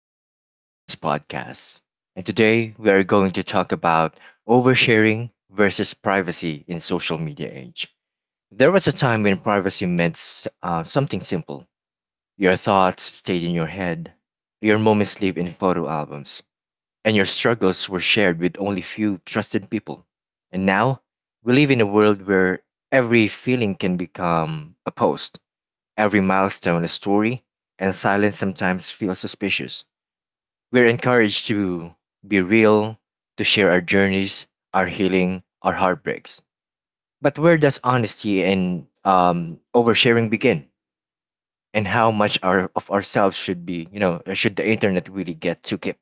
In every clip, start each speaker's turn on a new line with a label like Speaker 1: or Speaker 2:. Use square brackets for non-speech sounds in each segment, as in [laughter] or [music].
Speaker 1: Welcome to Arden's podcast. And today we are going to talk about oversharing versus privacy in social media age. There was a time when privacy meant something simple. Your thoughts stayed in your head, your moments live in photo albums, and your struggles were shared with only few trusted people. And now we live in a world where every feeling can become a post, every milestone a story, and silence sometimes feels suspicious. We're encouraged to be real, to share our journeys, our healing, our heartbreaks. But where does honesty and oversharing begin? And how much of ourselves should be, should the internet really get to keep?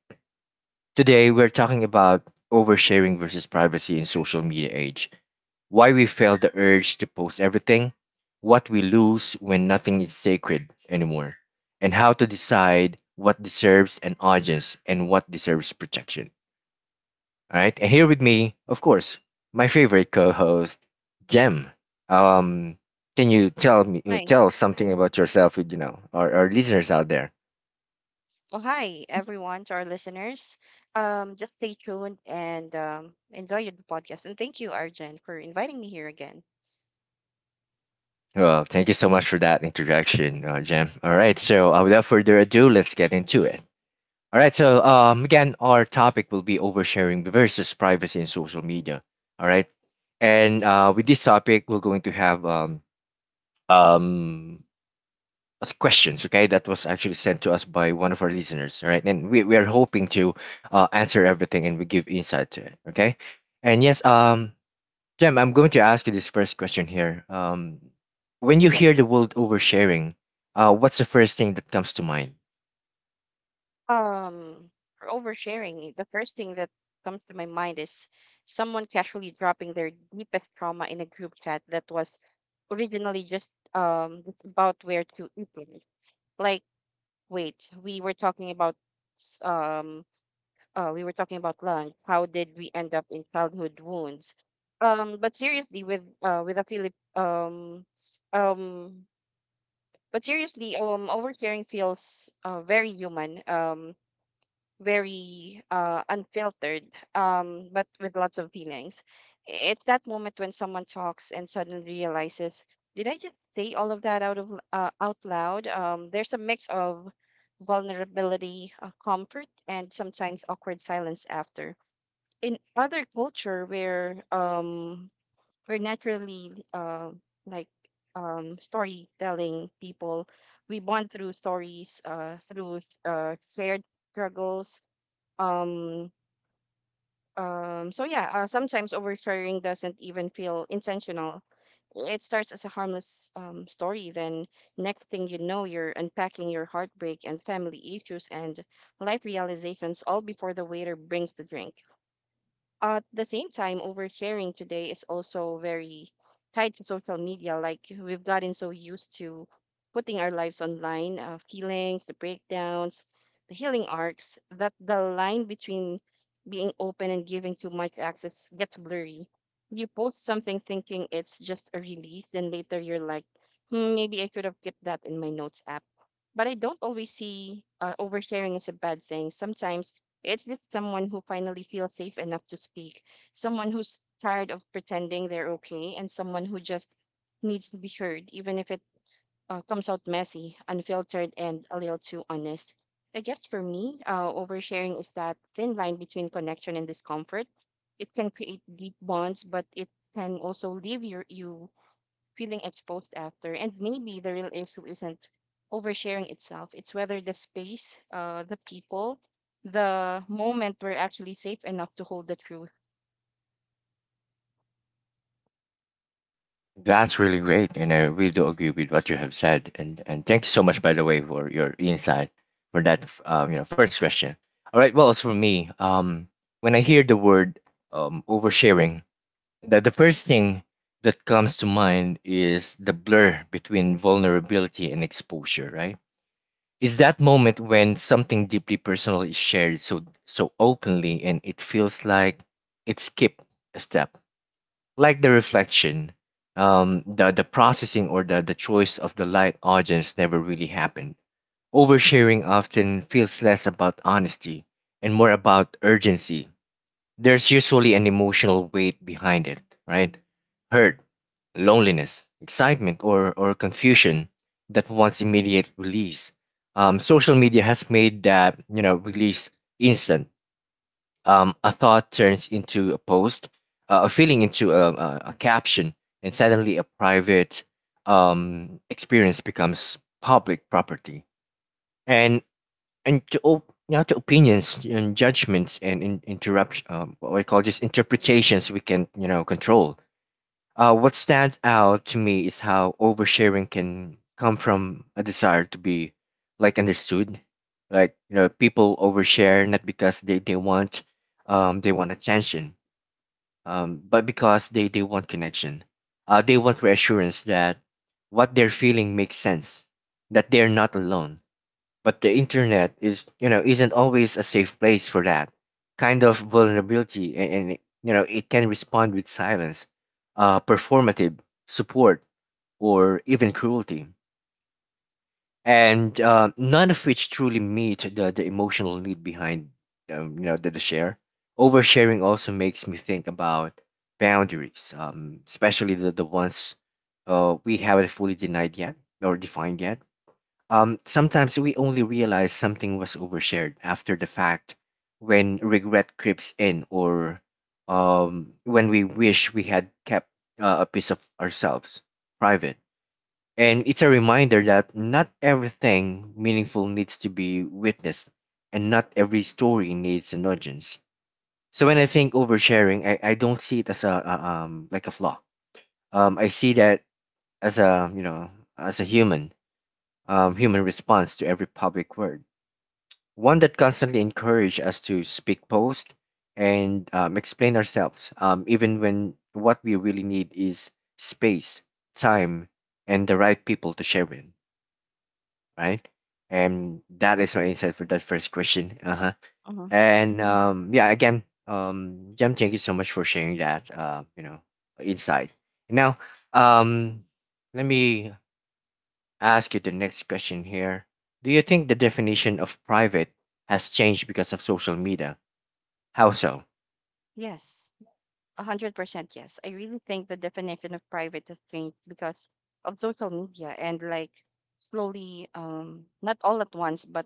Speaker 1: Today, we're talking about oversharing versus privacy in social media age. Why we feel the urge to post everything, what we lose when nothing is sacred anymore, and how to decide what deserves an audience and what deserves protection. All right, and here with me, of course, my favorite co-host, Jem. Um, can you tell me uh,
Speaker 2: Hi.
Speaker 1: tell something about yourself, with our listeners out there?
Speaker 2: Well, hi, everyone, to our listeners. Just stay tuned and enjoy the podcast. And thank you, Arjen, for inviting me here again.
Speaker 1: Well, thank you so much for that introduction, Jem. All right, so without further ado, let's get into it. All right, so again, our topic will be oversharing versus privacy in social media. All right, and with this topic, we're going to have um as questions, okay, that was actually sent to us by one of our listeners. All right, and we are hoping to answer everything and we give insight to it, okay. And yes, Jem, I'm going to ask you this first question here. When you hear the word oversharing, what's the first thing that comes to mind?
Speaker 2: Um, for oversharing, the first thing that comes to my mind is someone casually dropping their deepest trauma in a group chat that was originally just about where to eat. It. Like, wait, we were talking about s- um we were talking about lunch. How did we end up in childhood wounds? But seriously, with a Philip, um, but seriously, oversharing feels very human, very unfiltered, but with lots of feelings. It's that moment when someone talks and suddenly realizes, did I just say all of that out of out loud? There's a mix of vulnerability, comfort, and sometimes awkward silence after in other culture where we're naturally like storytelling people. We bond through stories through shared struggles. Um Sometimes oversharing doesn't even feel intentional. It starts as a harmless story, then next thing you know, you're unpacking your heartbreak and family issues and life realizations all before the waiter brings the drink. At the same time, oversharing today is also very tied to social media. Like, we've gotten so used to putting our lives online, feelings, the breakdowns, the healing arcs, that the line between being open and giving too much access gets blurry. You post something thinking it's just a release, then later you're like, hmm, maybe I should have kept that in my notes app. But I don't always see oversharing as a bad thing. Sometimes it's just someone who finally feels safe enough to speak, someone who's tired of pretending they're okay, and someone who just needs to be heard, even if it comes out messy, unfiltered, and a little too honest. I guess for me, oversharing is that thin line between connection and discomfort. It can create deep bonds, but it can also leave your, you feeling exposed after. And maybe the real issue isn't oversharing itself, it's whether the space, the people, the moment were actually safe enough to hold the truth.
Speaker 1: That's really great and I really do agree with what you have said, and thank you so much, by the way, for your insight for that, um, first question. All right, well, as for me, when I hear the word oversharing, the first thing that comes to mind is the blur between vulnerability and exposure, right? It's that moment when something deeply personal is shared so openly and it feels like it skipped a step. Like the reflection, the processing, or the choice of the light audience never really happened. Oversharing often feels less about honesty and more about urgency. There's usually an emotional weight behind it, right? Hurt, loneliness, excitement, or, confusion that wants immediate release. Social media has made that, you know, release instant. A thought turns into a post, a feeling into a caption, and suddenly a private experience becomes public property. And and now to opinions and judgments and in- interrupt what I call just interpretations we can, you know, control. What stands out to me is how oversharing can come from a desire to be like understood. Like, you know, people overshare not because they want, they want attention, but because they want connection. They want reassurance that what they're feeling makes sense, that they're not alone. But the internet is, you know, isn't always a safe place for that kind of vulnerability, and it can respond with silence, performative support, or even cruelty, and none of which truly meet the emotional need behind, um, the share. Oversharing also makes me think about boundaries, especially the ones we haven't fully denied yet or defined yet. Sometimes we only realize something was overshared after the fact, when regret creeps in, or when we wish we had kept a piece of ourselves private. And it's a reminder that not everything meaningful needs to be witnessed, and not every story needs an audience. So when I think oversharing, I don't see it as a flaw. I see that as a you know as a human, human response to every public word, one that constantly encourage us to speak, post, and explain ourselves, even when what we really need is space, time, and the right people to share with, right? And that
Speaker 2: My
Speaker 1: is my
Speaker 2: turn.
Speaker 1: insight for that first question. Uh-huh.
Speaker 2: Uh-huh.
Speaker 1: And yeah, again, Jam, thank you so much for sharing that, uh, insight. Now, um, let me ask you the next question here. Do you think the definition of private has changed because of social media? How so?
Speaker 2: Yes, 100% yes. I really think the definition of private has changed because of social media, and like, slowly, not all at once, but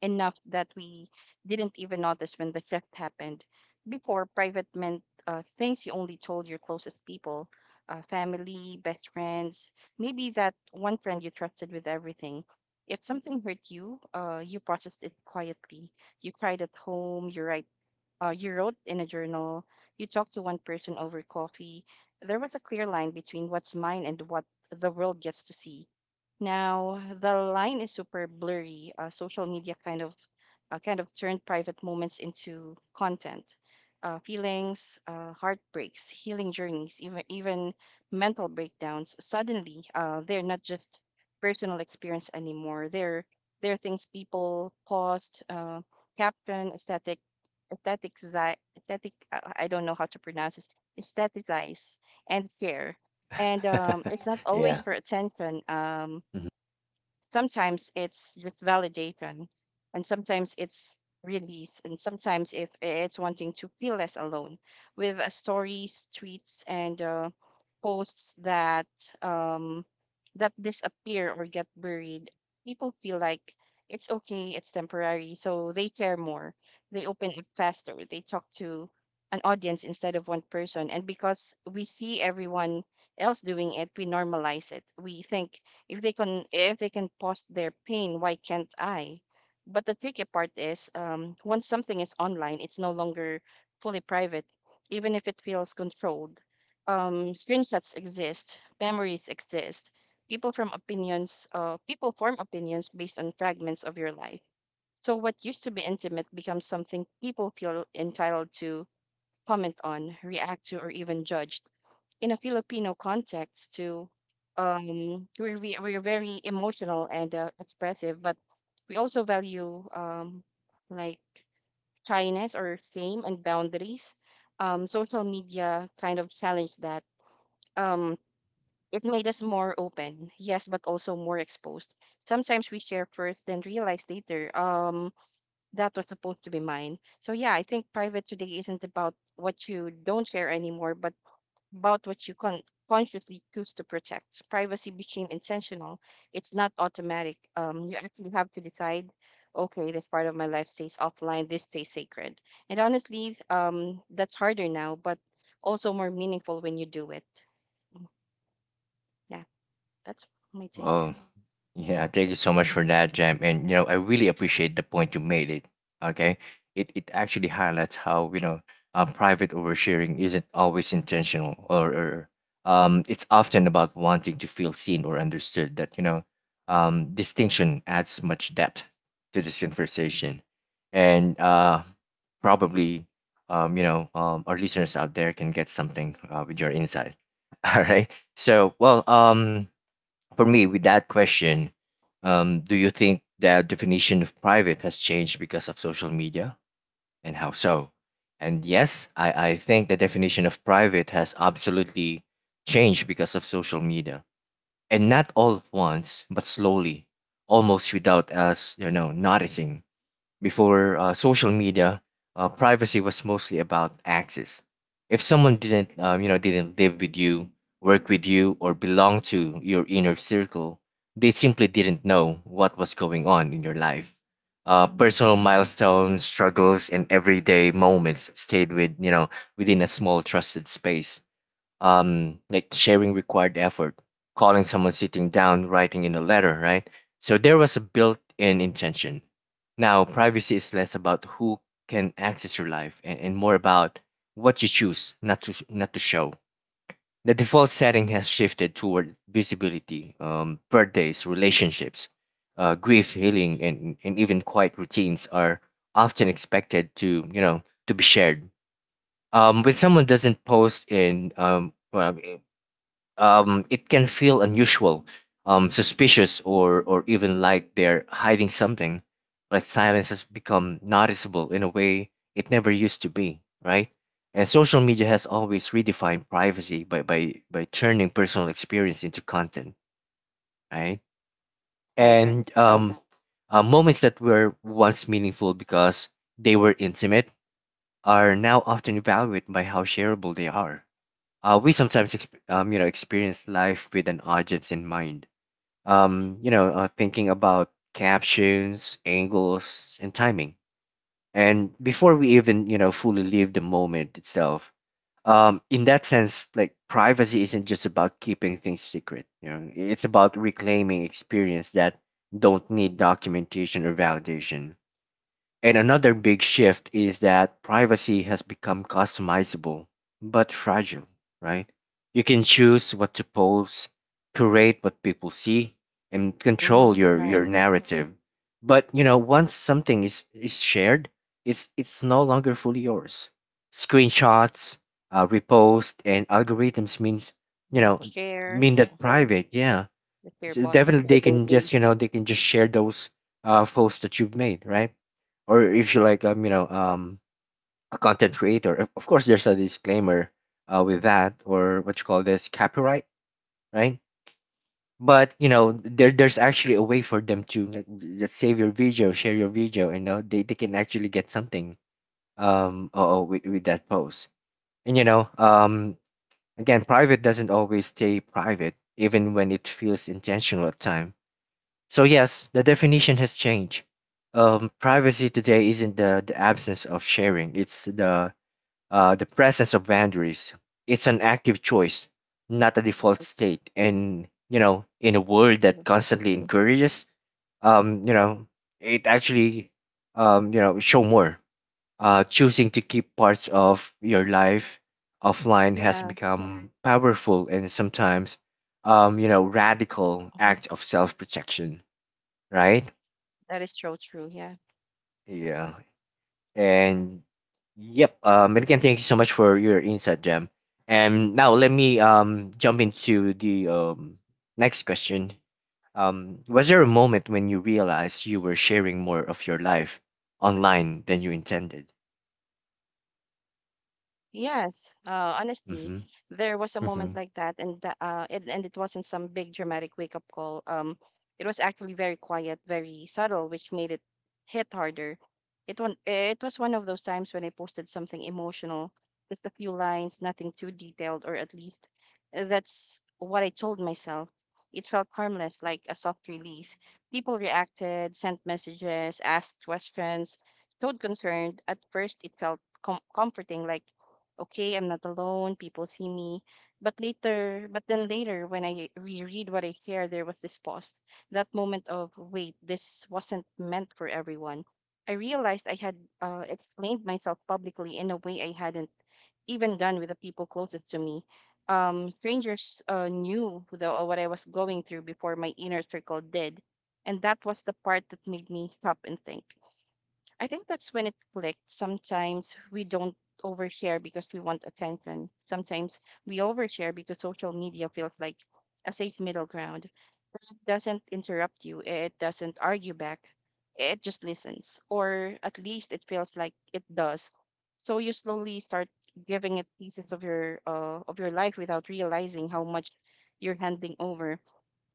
Speaker 2: enough that we didn't even notice when the shift happened. Before, private meant things you only told your closest people, family, best friends, maybe that one friend you trusted with everything. If something hurt you, you processed it quietly. You cried at home. You write. You wrote in a journal. You talked to one person over coffee. There was a clear line between what's mine and what the world gets to see. Now, the line is super blurry. Social media kind of turned private moments into content. Feelings, heartbreaks, healing journeys, even mental breakdowns. Suddenly, they're not just personal experience anymore. They're things people paused, caption, aesthetic. I don't know how to pronounce this. Aestheticize and share, and it's not
Speaker 1: [laughs]
Speaker 2: always
Speaker 1: Yeah.
Speaker 2: for attention. Sometimes it's just validation, and sometimes it's release, and sometimes if it's wanting to feel less alone with stories, tweets, and posts that um that disappear or get buried. People feel like it's okay, it's temporary, so they care more, they open up faster, they talk to an audience instead of one person. And because we see everyone else doing it, we normalize it. We think, if they can post their pain, why can't I? But the tricky part is, once something is online, it's no longer fully private, even if it feels controlled. Screenshots exist, memories exist. People form opinions based on fragments of your life. So what used to be intimate becomes something people feel entitled to comment on, react to, or even judge in a Filipino context too. We're very emotional and expressive, but we also value like, shyness or fame and boundaries. Social media kind of challenged that. Um, it made us more open, yes, but also more exposed. Sometimes we share first, then realize later, that was supposed to be mine. So yeah, I think private today isn't about what you don't share anymore, but about what you consciously choose to protect. Privacy became intentional. It's not automatic. You actually have to decide, okay, this part of my life stays offline, this stays sacred. And honestly, that's harder now, but also more meaningful when you do it. Yeah, that's my take.
Speaker 1: Well, yeah, thank you so much for that, Jam. And you know, I really appreciate the point you made it. Okay. It actually highlights how, you know, private oversharing isn't always intentional, or, it's often about wanting to feel seen or understood. That, you know, distinction adds much depth to this conversation. And probably, you know, our listeners out there can get something with your insight. [laughs] All right. So, well, for me, with that question, do you think the definition of private has changed because of social media, and how so? And yes, I think the definition of private has absolutely changed because of social media. And not all at once, but slowly, almost without us, you know, noticing. Before social media, privacy was mostly about access. If someone didn't, didn't live with you, work with you, or belong to your inner circle, they simply didn't know what was going on in your life. Personal milestones, struggles, and everyday moments stayed, within a small trusted space. Like, sharing required effort, calling someone, sitting down, writing in a letter, right? So there was a built in intention. Now, privacy is less about who can access your life, and more about what you choose not to show. The default setting has shifted toward visibility. Birthdays, relationships, grief, healing, and even quiet routines are often expected to, you know, to be shared. When someone doesn't post in, it can feel unusual, suspicious, or even like they're hiding something. Like, silence has become noticeable in a way it never used to be, right? And social media has always redefined privacy by turning personal experience into content, right?
Speaker 2: Right, right.
Speaker 1: And moments that were once meaningful because they were intimate are now often evaluated by how shareable they are. We sometimes you know, experience life with an audience in mind. You know, thinking about captions, angles, and timing, and before we even, you know, fully live the moment itself. In that sense, like, privacy isn't just about keeping things secret. You know, it's about reclaiming experience that don't need documentation or validation. And another big shift is that privacy has become customizable but fragile, right? You can choose what to post, curate what people see, and
Speaker 2: Mm-hmm.
Speaker 1: control
Speaker 2: Right,
Speaker 1: your narrative. But you know, once something is shared, it's no longer fully yours. Screenshots, repost, and algorithms means you
Speaker 2: right.
Speaker 1: know
Speaker 2: Share
Speaker 1: mean that private, yeah,
Speaker 2: the share
Speaker 1: so
Speaker 2: button.
Speaker 1: definitely they can just, you know, they can just share those posts that you've made, right? Or if you like, a content creator, of course, there's a disclaimer with that, or what you call this, copyright, right? But you know, there's actually a way for them to like, just save your video, share your video, and they can actually get something, with that post. And you know, again, private doesn't always stay private, even when it feels intentional at times. So yes, the definition has changed. Privacy today isn't the absence of sharing; it's the, the presence of boundaries. It's an active choice, not a default state. And you know, in a world that
Speaker 2: True.
Speaker 1: constantly encourages, you know, it actually, show more. Choosing to keep parts of your life offline has
Speaker 2: Yeah,
Speaker 1: become powerful, and sometimes, radical
Speaker 2: mhm.
Speaker 1: act of self-protection, right?
Speaker 2: That is so true. Yeah.
Speaker 1: Yeah. And yep, and again, thank you so much for your insight, Jam. And now let me jump into the next question. Was there a moment when you realized you were sharing more of your life online than you intended?
Speaker 2: Yes, honestly,
Speaker 1: Mm-hmm.
Speaker 2: there was a
Speaker 1: Mm-hmm.
Speaker 2: moment like that, and and it wasn't some big dramatic wake up call. It was actually very quiet, very subtle, which made it hit harder. It was one of those times when I posted something emotional, just a few lines, nothing too detailed, or at least that's what I told myself. It felt harmless, like a soft release. People reacted, sent messages, asked questions, showed concern. At first, it felt comforting, like okay, I'm not alone, people see me. But then later, when I reread what I care, there was this pause, that moment of wait, this wasn't meant for everyone. I realized I had explained myself publicly in a way I hadn't even done with the people closest to me. Strangers knew what I was going through before my inner circle did, and that was the part that made me stop and think. I think that's when it clicked. Sometimes we don't overshare because we want attention. Sometimes we overshare because social media feels like a safe middle ground. It doesn't interrupt you, it doesn't argue back, it just listens, or at least it feels like it does. So you slowly start giving it pieces of your life without realizing how much you're handing over.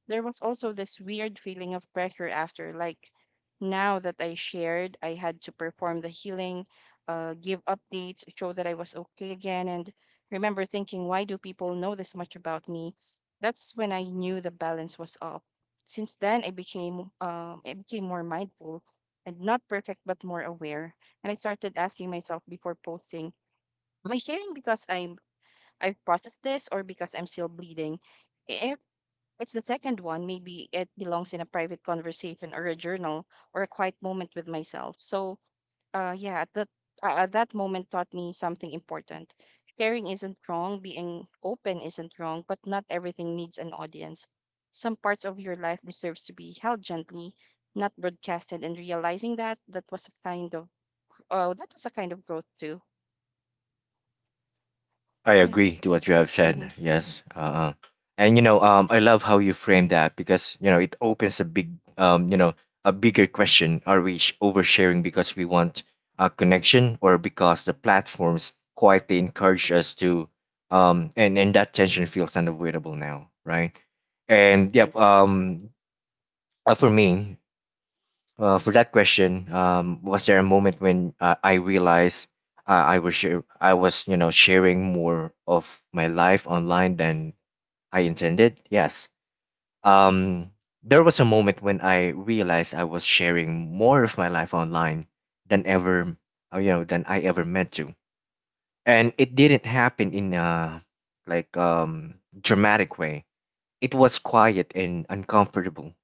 Speaker 2: There was also this weird feeling of pressure after, like, now that I shared, I had to perform the healing, give updates, show that I was okay again. And remember thinking, why do people know this much about me? That's when I knew the balance was off. Since then, I became more mindful, and not perfect, but more aware. And I started asking myself before posting, am I sharing because I've processed this, or because I'm still bleeding? It's the second one. Maybe it belongs in a private conversation or a journal or a quiet moment with myself. So, yeah, that moment taught me something important. Sharing isn't wrong. Being open isn't wrong, but not everything needs an audience. Some parts of your life deserves to be held gently, not broadcasted. And realizing that, that was a kind of oh, that was a kind of growth too.
Speaker 1: I
Speaker 2: Yeah,
Speaker 1: agree to what you
Speaker 2: that's
Speaker 1: have
Speaker 2: mm-hmm,
Speaker 1: said. Yes. And you know, I love how you frame that, because you know it opens a big, a bigger question: are we oversharing because we want a connection, or because the platforms quietly encourage us to? And that tension feels unavoidable now, right? And
Speaker 2: right.
Speaker 1: yep.
Speaker 2: Right.
Speaker 1: Uh, for me, for that question, was there a moment when I realized I was I was sharing more of my life online than I intended? Yes. Um, there was a moment when I realized I was sharing more of my life online than ever than I ever meant to, and it didn't happen in a like um dramatic way. It was quiet and uncomfortable.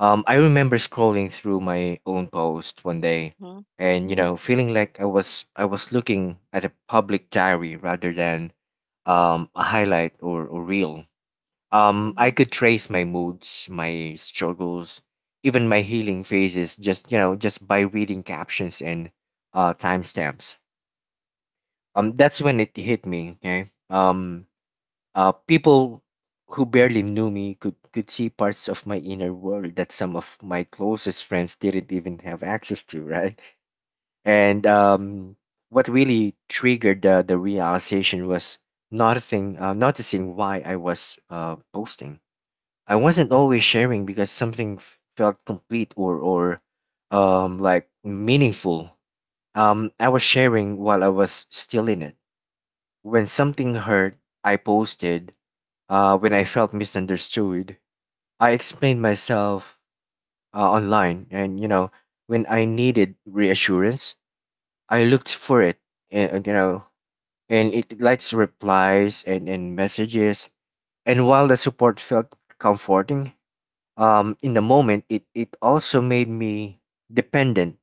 Speaker 1: I remember scrolling through my own post one day
Speaker 2: Mm-hmm,
Speaker 1: and feeling like I was looking at a public diary rather than a highlight or reel.
Speaker 2: mm-hmm,
Speaker 1: I could trace my moods, my struggles, even my healing phases just you know just by reading captions and timestamps. That's when it hit me. Okay. People who barely knew me could see parts of my inner world that some of my closest friends didn't even have access to, right? And what really triggered the realization was noticing why I was posting. I wasn't always sharing because something felt complete or like meaningful. I was sharing while I was still in it. When something hurt, I posted. When I felt misunderstood, I explained myself online, and when I needed reassurance, I looked for it, and and, you know, and it likes replies and messages. And while the support felt comforting, in the moment, it also made me dependent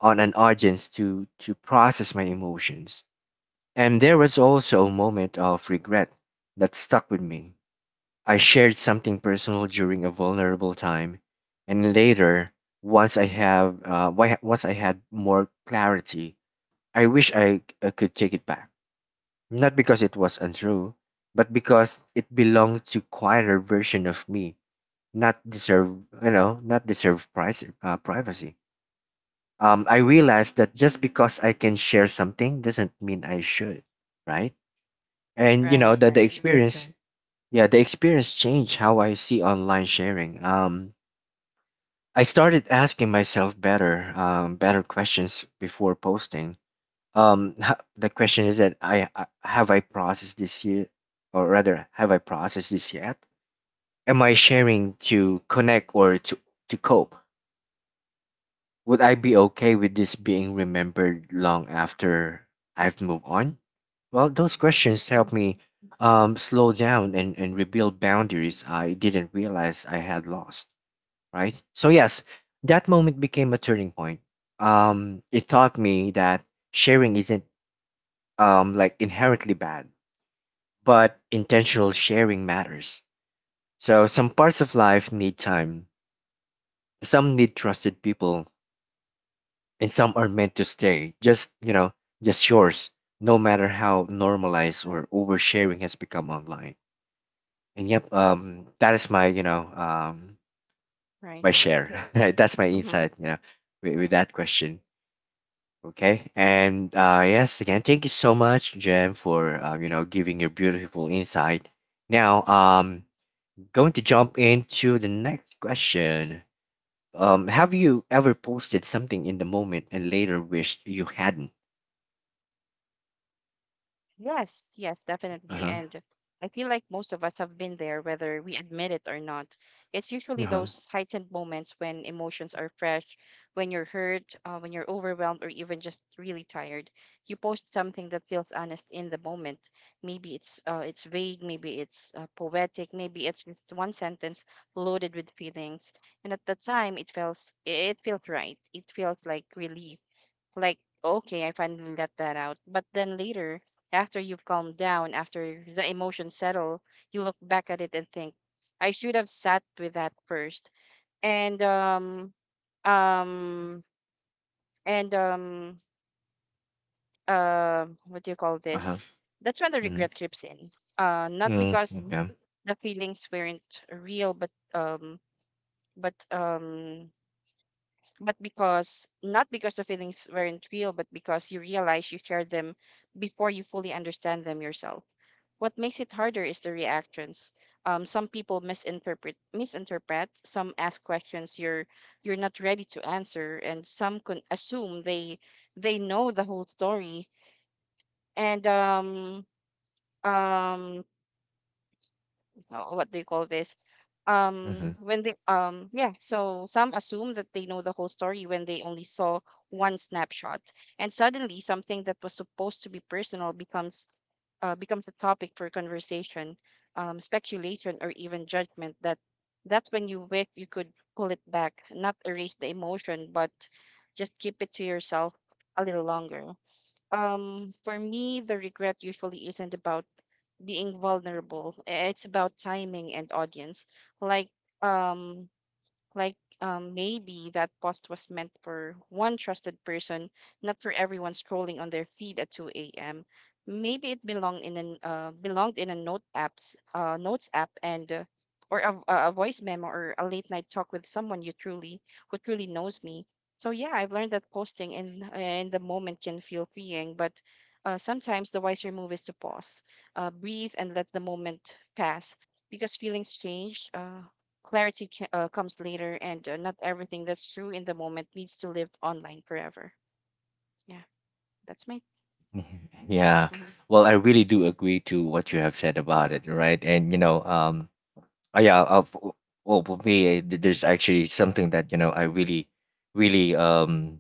Speaker 1: on an audience to process my emotions. And there was also a moment of regret that stuck with me. I shared something personal during a vulnerable time, and later, once I had more clarity, I wish I could take it back. Not because it was untrue, but because it belonged to quieter version of me, not deserve privacy. I realized that just because I can share something doesn't mean I should, right? And you know
Speaker 2: right.
Speaker 1: that the
Speaker 2: Right.
Speaker 1: experience. Yeah, the experience changed how I see online sharing. I started asking myself better, better questions before posting. The question is that I processed this year, or rather, have I processed this yet? Am I sharing to connect or to cope? Would I be okay with this being remembered long after I've moved on? Well, those questions
Speaker 2: Mhm,
Speaker 1: help me slow down and rebuild boundaries I didn't realize I had lost, right? So, yes, that moment became a turning point. It taught me that sharing isn't inherently bad, but intentional sharing matters. So, some parts of life need time, some need trusted people, and some are meant to stay just yours, no matter how normalized
Speaker 2: right.
Speaker 1: or oversharing has become online. And yep That is my
Speaker 2: Right.
Speaker 1: my share. [laughs] That's my
Speaker 2: Mm-hmm.
Speaker 1: insight, with that question. Okay, and yes, again, thank you so much, Jem, for giving your beautiful insight. Now, going to jump into the next question. Have you ever posted something in the moment and later wished you hadn't?
Speaker 2: Yes, yes, definitely.
Speaker 1: Uh-huh.
Speaker 2: And I feel like most of us have been there, whether we admit it or not. It's usually
Speaker 1: Uh-huh.
Speaker 2: those heightened moments when emotions are fresh, when you're hurt, when you're overwhelmed, or even just really tired. You post something that feels honest in the moment. Maybe it's vague, maybe it's poetic, maybe it's just one sentence loaded with feelings. And at the time, it feels right. It feels like relief, like okay, I finally let that out. But then later, after you've calmed down, after the emotions settle, you look back at it and think, I should have sat with that first. And um and what do you call
Speaker 1: Uh-huh.
Speaker 2: this That's when the
Speaker 1: Mm-hmm.
Speaker 2: regret creeps in, not because
Speaker 1: Mm-hmm. Yeah.
Speaker 2: the feelings weren't real but um but because not because the feelings weren't real, but because you realize you shared them before you fully understand them yourself. What makes it harder is the reactions. Some people misinterpret. Some ask questions you're not ready to answer, and some can assume they know the whole story. And um what do you call this?
Speaker 1: Mm-hmm.
Speaker 2: When they yeah, so some assume that they know the whole story when they only saw one snapshot, and suddenly something that was supposed to be personal becomes becomes a topic for conversation, speculation, or even judgment. That's when you wish you could pull it back, not erase the emotion, but just keep it to yourself a little longer. For me, the regret usually isn't about being vulnerable. It's about timing and audience. Like, um, like Maybe that post was meant for one trusted person, not for everyone scrolling on their feed at 2 a.m. Maybe it belonged in an belonged in a note apps notes app and or a voice memo or a late night talk with someone you truly who truly knows me. So yeah, I've learned that posting in the moment can feel freeing, but sometimes the wiser move is to pause, breathe, and let the moment pass because feelings change. Clarity comes later, and not everything that's true in the moment needs to live online forever. Yeah, that's my.
Speaker 1: [laughs] Yeah.
Speaker 2: Mm-hmm.
Speaker 1: Well, I really do agree to what you have said about it, right? And uh, yeah, uh, f- well, for me, there's actually something that I really, really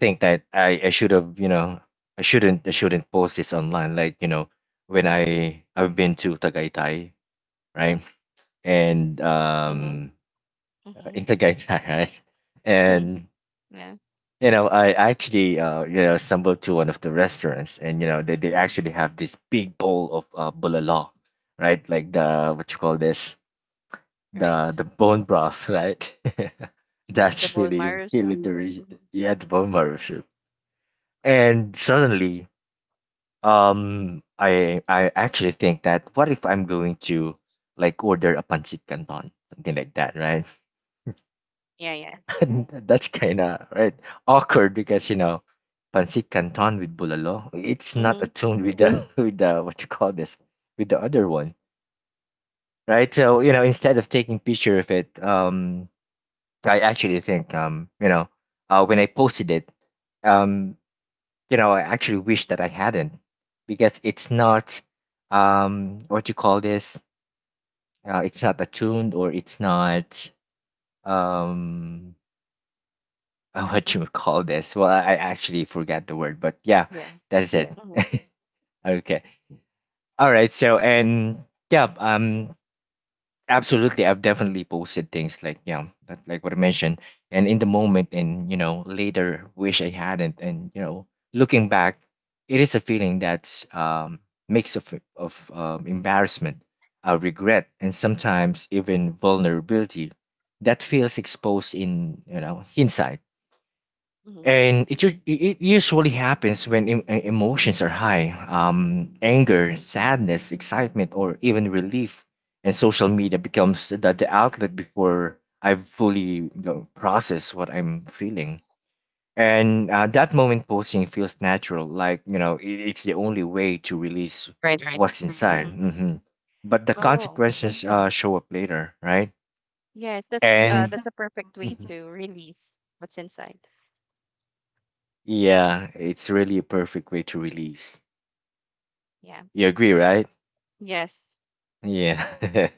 Speaker 1: think that I should have, I shouldn't post this online. Like, when I've been to Tagaytay, right? And
Speaker 2: Mm-hmm. Mm-hmm.
Speaker 1: in Tagaytay, [laughs] right?
Speaker 2: [laughs] Hmm.
Speaker 1: And
Speaker 2: Yeah,
Speaker 1: I actually stumbled to one of the restaurants, and they actually have this big bowl of bulala, right? Like the what you call this,
Speaker 2: right.
Speaker 1: the bone broth, right? [laughs]
Speaker 2: Mm, the
Speaker 1: That's
Speaker 2: bone
Speaker 1: really
Speaker 2: marrow soup.
Speaker 1: the
Speaker 2: Hmm.
Speaker 1: yeah, the bone marrow soup. And suddenly, um, I actually think that what if I'm going to like order a pancit canton, something like that, right?
Speaker 2: Yeah, yeah.
Speaker 1: [laughs] That's kind of right awkward because pancit canton with bulalo, it's not
Speaker 2: Mm-hmm.
Speaker 1: attuned with the [laughs] with the what you call this, with the other one, right? So instead of taking picture of it, I actually think when I posted it, um, I actually wish that I hadn't because it's not, what you call this, it's not attuned or it's not um [laughs] what you call this. Well, I actually forgot the word, but yeah,
Speaker 2: Yeah.
Speaker 1: that's it.
Speaker 2: Mm-hmm.
Speaker 1: [laughs] Okay. All right. So, and yeah, absolutely, I've definitely posted things like yeah, that, like what I mentioned, and in the moment, and later wish I hadn't, and looking back, it is a feeling that's mix of embarrassment, regret, and sometimes even vulnerability that feels exposed in hindsight.
Speaker 2: Mm-hmm.
Speaker 1: And it, u- it usually happens when emotions are high: anger, sadness, excitement, or even relief. And social media becomes the outlet before I've fully, processed what I'm feeling. And that moment posting feels natural, like, it's the only way to release
Speaker 2: Right, right.
Speaker 1: what's inside.
Speaker 2: Mm-hmm.
Speaker 1: Hmm. But the
Speaker 2: Oh,
Speaker 1: consequences show up later, right?
Speaker 2: yes.
Speaker 1: And
Speaker 2: That's a perfect way
Speaker 1: Mhm.
Speaker 2: to release what's inside.
Speaker 1: yeah, it's really a perfect way to release.
Speaker 2: Yeah.
Speaker 1: You agree, right?
Speaker 2: Yes.
Speaker 1: Yeah. [laughs]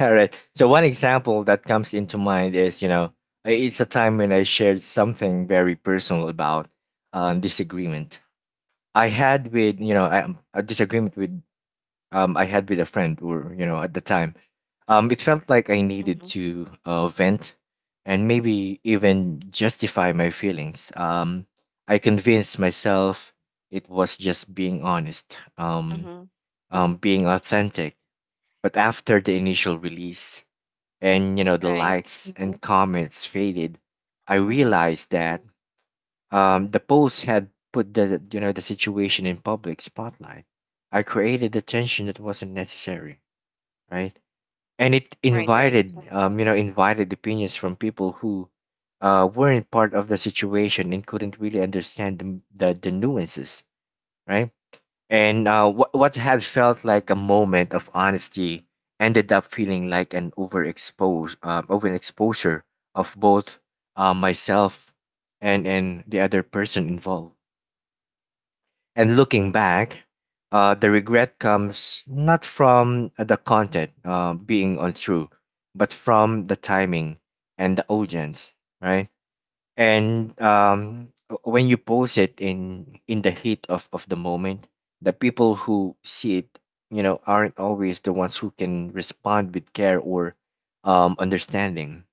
Speaker 1: All right. So, one example that comes into mind is, it's a time when I shared something very personal about disagreement I had with, you know, I, a disagreement with I had with a friend, or at the time, it felt like I needed
Speaker 2: Mm-hmm.
Speaker 1: to vent and maybe even justify my feelings. I convinced myself it was just being honest,
Speaker 2: Mm-hmm.
Speaker 1: being authentic. But after the initial release and the
Speaker 2: Right.
Speaker 1: likes and Mhm. comments faded, I
Speaker 2: Mm-hmm.
Speaker 1: realized that the post had put the the situation in public spotlight. I created the tension that wasn't necessary, right? And it
Speaker 2: Right. Right.
Speaker 1: invited invited opinions from people who weren't part of the situation and couldn't really understand the nuances, right? And what what had felt like a moment of honesty ended up feeling like an overexpose overexposure of both myself and the other person involved. And looking back, the regret comes not from the content being untrue, but from the timing and the audience, right? And when you post it in the heat of the moment, the people who see it aren't always the ones who can respond with care or understanding.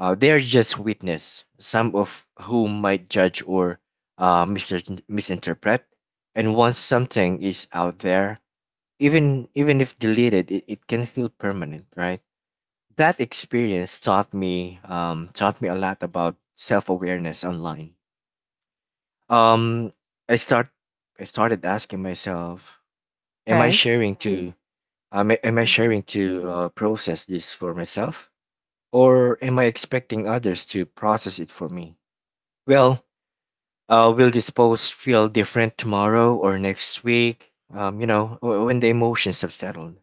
Speaker 1: They are just witness, some of whom might judge or misinterpret. And once something is out there, even if deleted, it can feel permanent, right? That experience taught me, taught me a lot about self-awareness online. um i start I started asking myself, am I
Speaker 2: Right.
Speaker 1: sharing to am I
Speaker 2: Mm-hmm.
Speaker 1: sharing to process this for myself, or am I expecting others to process it for me? Well, will this post feel different tomorrow or next week, when the emotions have settled?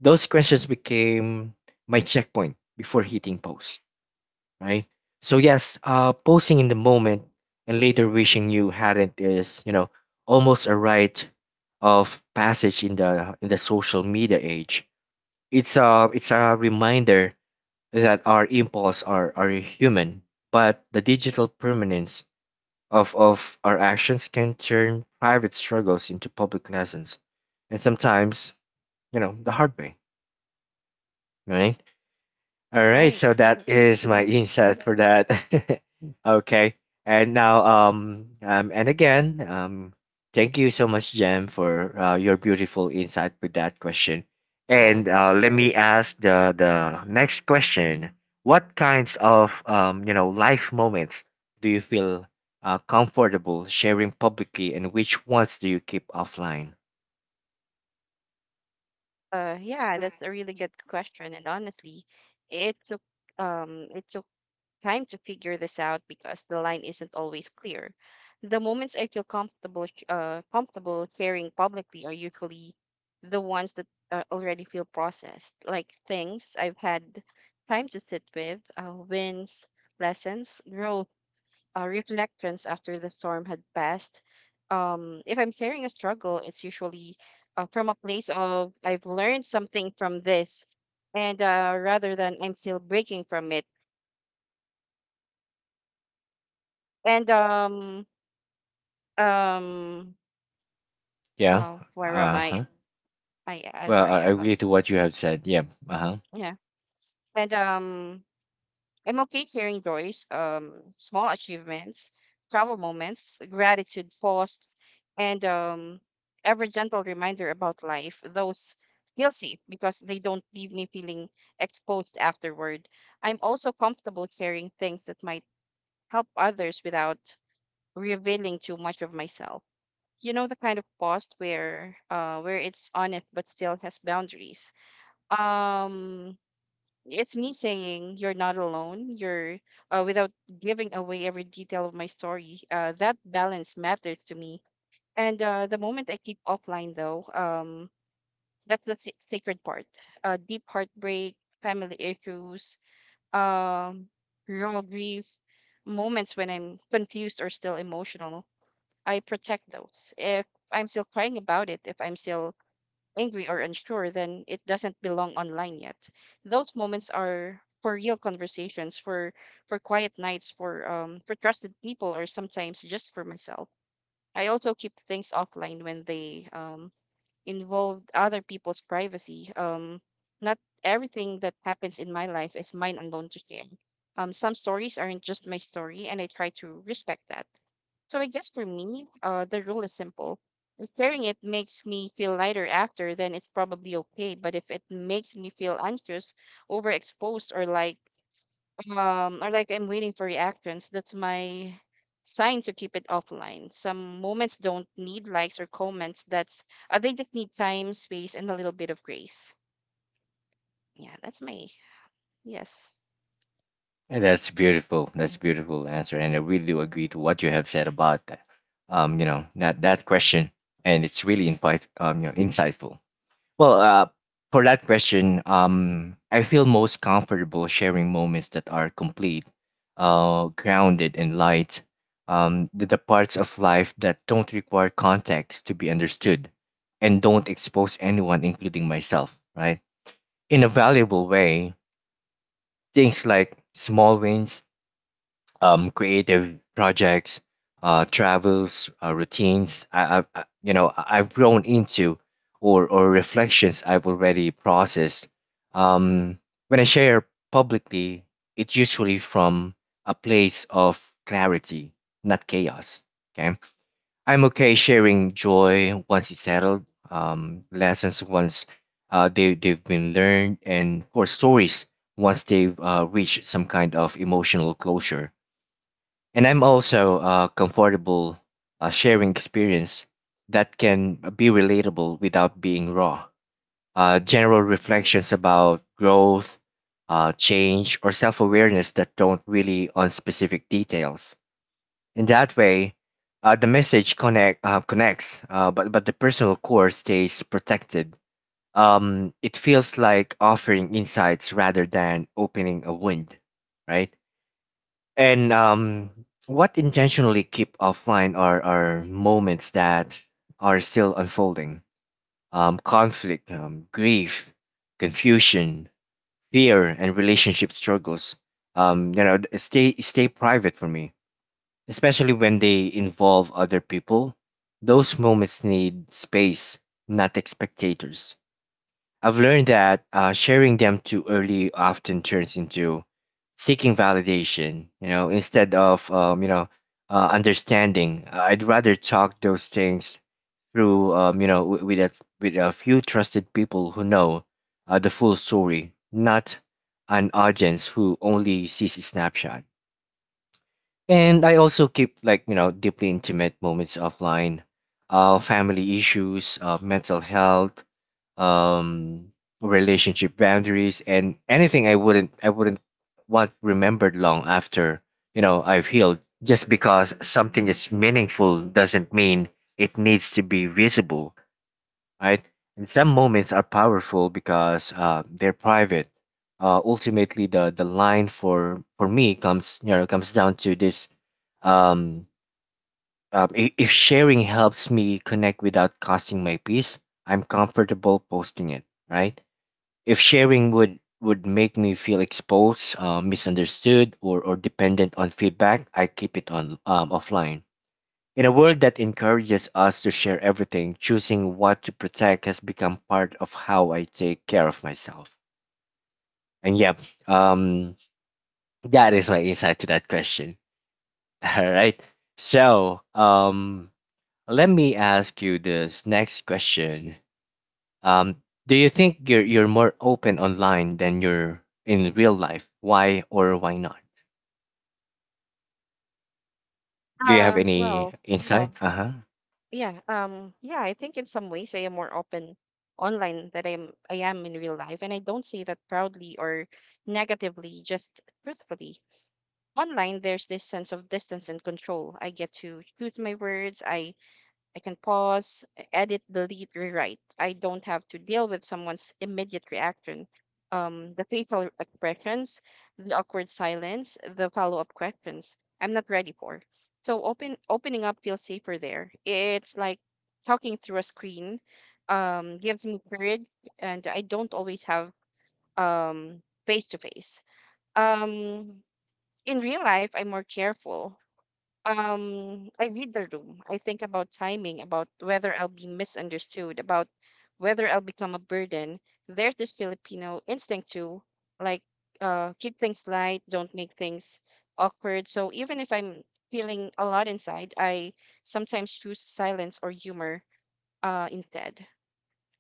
Speaker 1: Those questions became my checkpoint before hitting post, right? So yes, posting in the moment and later wishing you hadn't is, almost a rite of passage in the social media age. It's a reminder that our impulse are human, but the digital permanence of our actions can turn private struggles into public lessons, and sometimes, the hard way, right? All right,
Speaker 2: Right.
Speaker 1: so
Speaker 2: Right.
Speaker 1: that is my
Speaker 2: Mm-hmm.
Speaker 1: insight for that. [laughs] Okay, and now and again thank you so much, Jem, for your beautiful insight with that question.
Speaker 2: Yeah.
Speaker 1: And let me ask the next question: what kinds of life moments do you feel comfortable sharing publicly, and which ones do you keep offline?
Speaker 2: Yeah, that's a really good question, and honestly, it took um it took time to figure this out because the line isn't always clear. The moments I feel comfortable sharing publicly are usually the ones that already feel processed, like things I've had time to sit with, wins, lessons, growth, reflections after the storm had passed. If I'm sharing a struggle, it's usually from a place of I've learned something from this, and rather than I'm still breaking from it. And um,
Speaker 1: Yeah.
Speaker 2: where am
Speaker 1: Uh
Speaker 2: I?
Speaker 1: huh.
Speaker 2: I
Speaker 1: Well,
Speaker 2: sorry,
Speaker 1: I
Speaker 2: I
Speaker 1: agree
Speaker 2: lost.
Speaker 1: to what you have said. Yeah. Uh huh.
Speaker 2: Yeah, and I'm okay sharing joys, small achievements, travel moments, gratitude, post, and every gentle reminder about life. Those feel safe because they don't leave me feeling exposed afterward. I'm also comfortable sharing things that might help others without revealing too much of myself. You know the kind of post where it's honest but still has boundaries. Um, it's me saying you're not alone you're without giving away every detail of my story, that balance matters to me, and the moment I keep offline though, that's the sacred part, deep heartbreak, family issues, um, raw grief, moments when I'm confused or still emotional. I protect those. If I'm still crying about it, if I'm still angry or unsure, then it doesn't belong online yet. Those moments are for real conversations, for quiet nights, for trusted people, or sometimes just for myself. I also keep things offline when they involved other people's privacy. Not everything that happens in my life is mine alone to share. Some stories aren't just my story, and I try to respect that. So I guess for me, the rule is simple. If sharing it makes me feel lighter after, then it's probably okay. But if it makes me feel anxious, overexposed, or like I'm waiting for reactions, that's my sign to keep it offline. Some moments don't need likes or comments. That's they just need time, space, and a little bit of grace. Yeah, that's my yes.
Speaker 1: And that's beautiful. That's beautiful answer, and I really do agree to what you have said about that. That that question, and it's really insight, insightful. Well, for that question, I feel most comfortable sharing moments that are complete, grounded and light. The parts of life that don't require context to be understood, and don't expose anyone, including myself, right, in a valuable way. Things like small wins, creative projects, travels, routines you know, I've grown into, or reflections I've already processed. Um, when I share publicly, it's usually from a place of clarity, not chaos. Okay, I'm okay sharing joy once it's settled, lessons once they've been learned, and of course stories once they've reached some kind of emotional closure. And I'm also comfortable sharing experience that can be relatable without being raw. General reflections about growth, change, or self awareness that don't really on specific details. In that way, the message connects, but the personal core stays protected. It feels like offering insights rather than opening a wound, right? And What intentionally keep offline are moments that are still unfolding: conflict, grief, confusion, fear, and relationship struggles. Stay private for me, especially when they involve other people. Those moments need space, not spectators. I've learned that sharing them too early often turns into seeking validation, instead of, understanding. I'd rather talk those things through, with a few trusted people who know the full story, not an audience who only sees a snapshot. And I also keep, deeply intimate moments offline: family issues, mental health, um, relationship boundaries, and anything I wouldn't want remembered long after I've healed. Just because something is meaningful doesn't mean it needs to be visible, right? And some moments are powerful because they're private. Ultimately, the line for me comes, comes down to this. Um, um, i- if sharing helps me connect without costing my peace, I'm comfortable posting it, right? If sharing would make me feel exposed, misunderstood, or dependent on feedback, I keep it on offline. In a world that encourages us to share everything, choosing what to protect has become part of how I take care of myself. And yep, um, that is my insight to that question. [laughs] All right. So, let me ask you this next question. Um, do you think you're more open online than you're in real life? Why or why not? Do you have
Speaker 2: Uh
Speaker 1: any
Speaker 2: well,
Speaker 1: insight? Well, uh huh.
Speaker 2: yeah, yeah, I think in some ways I am more open online than I am in real life. And I don't say that proudly or negatively, just truthfully. Online there's this sense of distance and control. I get to choose my words. I can pause, edit, delete, rewrite. I don't have to deal with someone's immediate reaction. The facial expressions, the awkward silence, the follow-up questions I'm not ready for. So opening up feels safer there. It's like talking through a screen. Gives me courage, and I don't always have um face to face. Um, in real life, I'm more careful, um, I read the room. I think about timing, about whether I'll be misunderstood, about whether I'll become a burden. There's this Filipino instinct to like keep things light, don't make things awkward. So even if I'm feeling a lot inside, I sometimes choose silence or humor instead.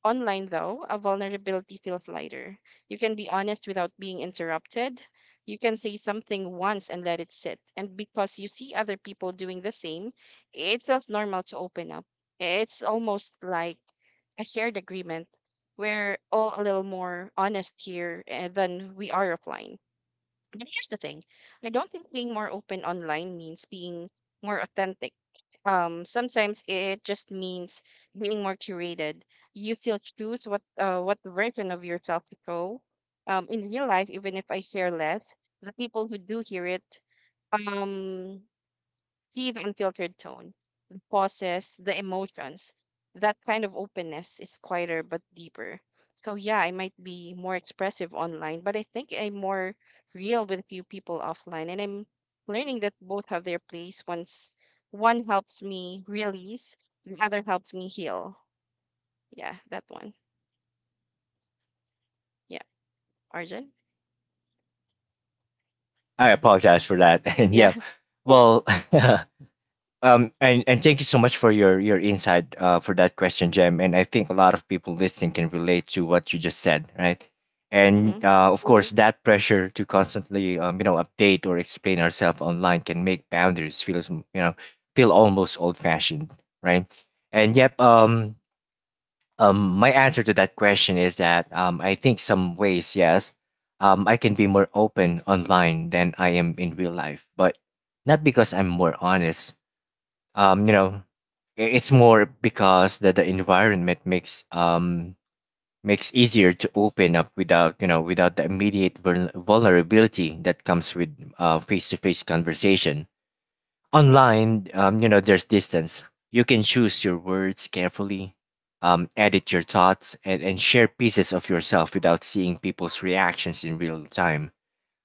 Speaker 2: Online, though, a vulnerability feels lighter. You can be honest without being interrupted. You can say something once and let it sit. And because you see other people doing the same, it feels normal to open up. It's almost like a shared agreement. We're all a little more honest here than we are offline. And here's the thing, I don't think being more open online means being more authentic. Sometimes it just means being more curated. You still choose what version of yourself to show. In real life, even if I share less, the people who do hear it, um, see the unfiltered tone, pauses, the emotions. That kind of openness is quieter but deeper. So yeah, I might be more expressive online, but I think I'm more real with few people offline. And I'm learning that both have their place. Once one helps me release, the other helps me heal. Yeah, that one. Yeah, Arjun.
Speaker 1: I apologize for that. [laughs] And
Speaker 2: Yeah.
Speaker 1: yeah,
Speaker 2: [laughs]
Speaker 1: well, [laughs] And thank you so much for your insight for that question, Jem. And I think a lot of people listening can relate to what you just said, right? And
Speaker 2: Mm-hmm.
Speaker 1: of course, that pressure to constantly update or explain ourselves online can make boundaries feel feel almost old fashioned, right? And yep, my answer to that question is that I think some ways, yes, I can be more open online than I am in real life, but not because I'm more honest, um you know it's more because that the environment makes makes easier to open up without, without the immediate vulnerability that comes with face-to-face conversation. Online, there's distance. You can choose your words carefully, edit your thoughts, and share pieces of yourself without seeing people's reactions in real time.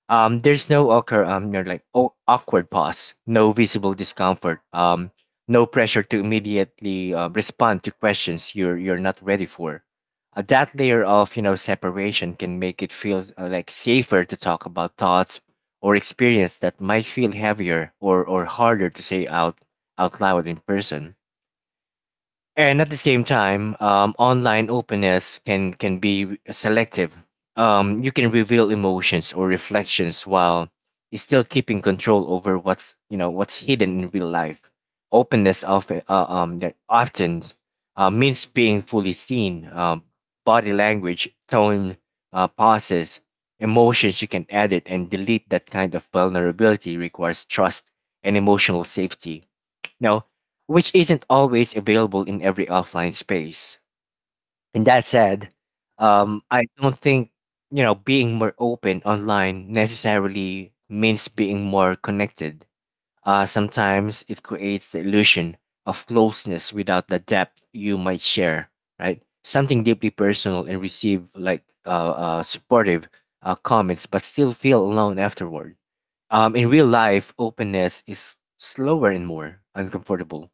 Speaker 1: There's no awkward, awkward pause, no visible discomfort, no pressure to immediately respond to questions you're not ready for. That layer of, separation can make it feel like safer to talk about thoughts or experience that might feel heavier or harder to say out loud in person. And at the same time, online openness can be selective. You can reveal emotions or reflections while still keeping control over what's, what's hidden. In real life, openness often that often means being fully seen. Body language, tone, pauses, emotions you can edit and delete. That kind of vulnerability requires trust and emotional safety, know, which isn't always available in every offline space. And that said, I don't think, being more open online necessarily means being more connected. Sometimes it creates the illusion of closeness without the depth you might share, right? Something deeply personal and receive like supportive comments, but still feel alone afterward. In real life, openness is slower and more uncomfortable,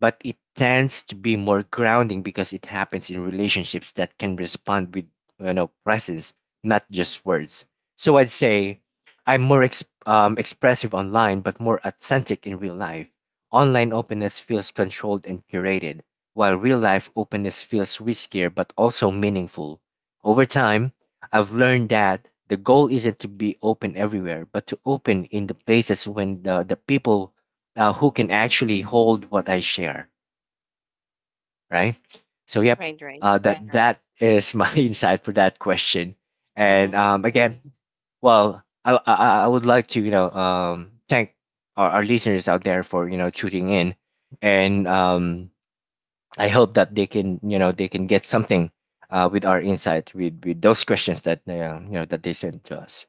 Speaker 1: but it tends to be more grounding because it happens in relationships that can respond with, presence, not just words. So I'd say I'm more expressive online, but more authentic in real life. Online openness feels controlled and curated, while real life openness feels riskier but also meaningful. Over time, I've learned that the goal isn't to be open everywhere, but to open in the places when the people who can actually hold what I share, right? So, yep,
Speaker 2: Right. Right.
Speaker 1: that Right, right. That is my [laughs] insight for that question. And
Speaker 2: Mm-hmm.
Speaker 1: again, well, I would like to, thank our listeners out there for, tuning in, and I hope that they can, they can get something with our insight with those questions that that they sent to us.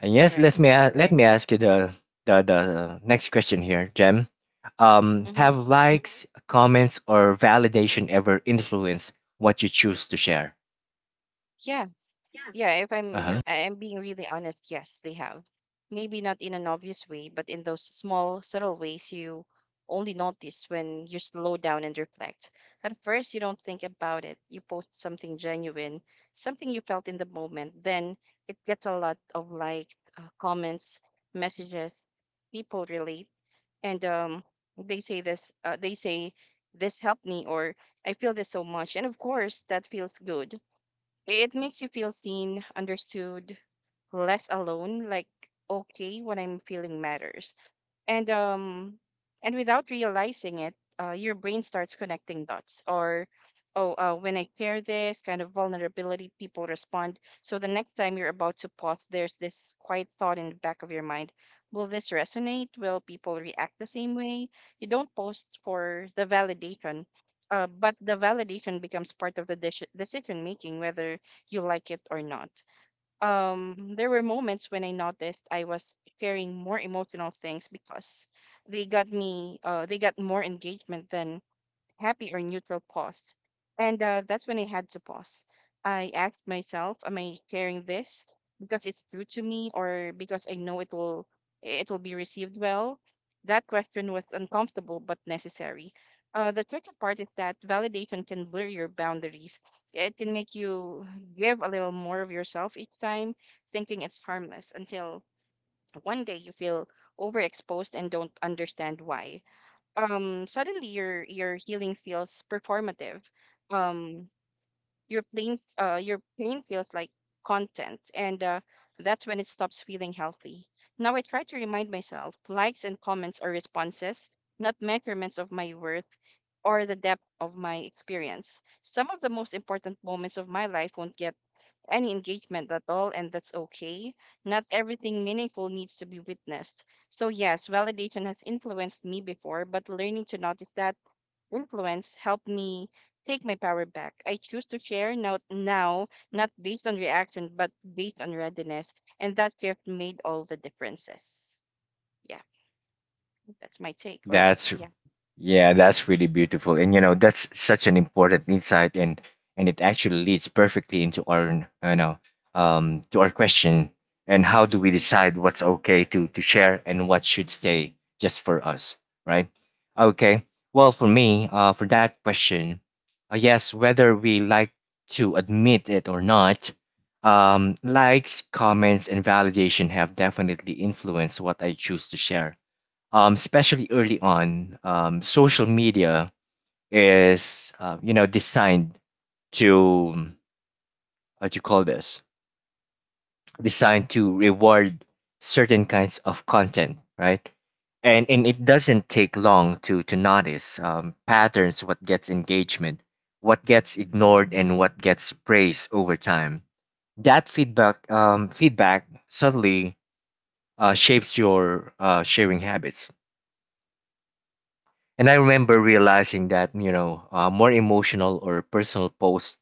Speaker 1: And yes,
Speaker 2: Right.
Speaker 1: let me let me ask you the the next question here, Jem.
Speaker 2: Mm-hmm.
Speaker 1: Have likes, comments, or validation ever influenced what you choose to share?
Speaker 2: Yeah. Yeah, if I'm I- am
Speaker 1: Uh-huh.
Speaker 2: i am being really honest, yes, they have. Maybe not in an obvious way, but in those small, subtle ways you only notice when you slow down and reflect. At first, you don't think about it. You post something genuine, something you felt in the moment. Then it gets a lot of likes, comments, messages. People relate, and they say this helped me, or I feel this so much. And of course, that feels good. It makes you feel seen, understood, less alone, like okay when I'm feeling matters. And um and without realizing it, your brain starts connecting dots. Or oh uh, when I share this kind of vulnerability, people respond. So the next time you're about to pause, there's this quiet thought in the back of your mind, will this resonate, will people react the same way? You don't post for the validation, but the validation becomes part of the decision making whether you like it or not. Um, there were moments when I noticed I was sharing more emotional things because they got more engagement than happy or neutral pause. And that's when I had to pause. I asked myself, am I sharing this because it's true to me or because I know it will be received well? That question was uncomfortable but necessary. The tricky part is that validation can blur your boundaries. It can make you give a little more of yourself each time, thinking it's harmless until one day you feel overexposed and don't understand why. Um, suddenly your healing feels performative. Um, your pain feels like content, and that's when it stops feeling healthy. Now I try to remind myself, likes and comments are responses, not measurements of my worth or the depth of my experience. Some of the most important moments of my life won't get any engagement at all, and that's okay. Not everything meaningful needs to be witnessed. So, yes, validation has influenced me before, but learning to notice that influence helped me take my power back. I choose to share now, not based on reaction, but based on readiness. And that shift made all the differences. Yeah, that's my take. Or,
Speaker 1: That's
Speaker 2: yeah.
Speaker 1: yeah, that's really beautiful. And you know, that's such an important insight and it actually leads perfectly into our, to our question. And how do we decide what's okay to share and what should stay just for us, right? Okay. Well, for me, for that question, yes, whether we like to admit it or not, likes, comments and validation have definitely influenced what I choose to share, especially early on. Social media is designed to, what you call this designed to reward certain kinds of content, right? And it doesn't take long to notice patterns, what gets engagement, what gets ignored, and what gets praised over time. That feedback, feedback subtly shapes your sharing habits. And I remember realizing that, you know, more emotional or personal posts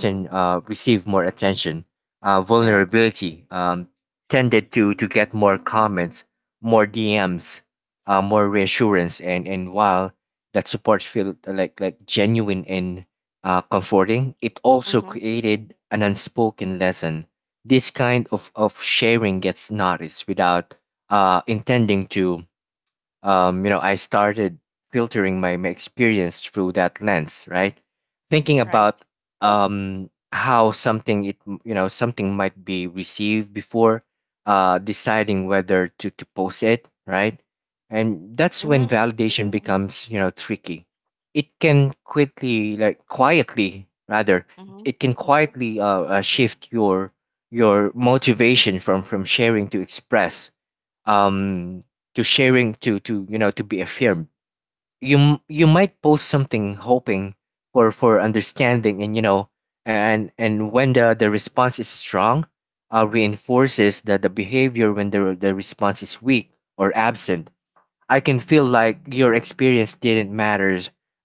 Speaker 2: Mm-hmm.
Speaker 1: receive more attention.
Speaker 2: Right.
Speaker 1: Vulnerability tended to get more comments, more DMs, more reassurance. And while that support felt like genuine and comforting, it also
Speaker 2: Mm-hmm.
Speaker 1: created an unspoken lesson. This kind of sharing gets noticed. Without intending to, I started filtering my, my experience through that lens, right? Thinking
Speaker 2: Right.
Speaker 1: about how something, it you know something might be received before deciding whether to post it, right? And that's when
Speaker 2: Mm-hmm.
Speaker 1: validation becomes, tricky. It can quickly like quietly rather
Speaker 2: Mm-hmm.
Speaker 1: it can quietly shift your motivation from sharing to express, um to sharing to, to be affirmed. You might post something hoping for understanding, and, and when the response is strong, reinforces that the behavior. When the response is weak or absent, I can feel like your experience didn't matter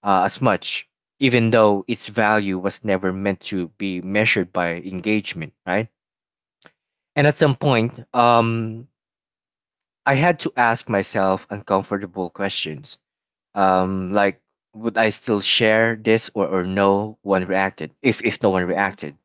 Speaker 1: as much, even though its value was never meant to be measured by engagement, right? And at some point I had to ask myself uncomfortable questions. Like, would I still share this or no one reacted? If no one
Speaker 2: Mm-hmm.
Speaker 1: reacted,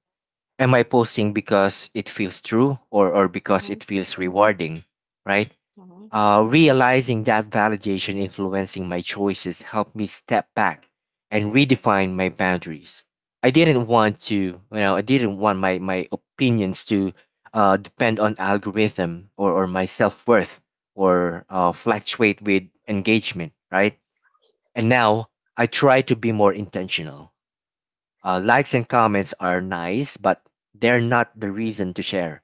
Speaker 1: am I posting because it feels true, or because
Speaker 2: Mm-hmm.
Speaker 1: it feels rewarding? Right?
Speaker 2: Mm-hmm.
Speaker 1: Realizing that validation influencing my choices helped me step back and redefine my boundaries. I didn't want to, I didn't want my, my opinions to depend on algorithm, or my self worth, or fluctuate with engagement, right? And now I try to be more intentional. Likes and comments are nice, but they're not the reason to share.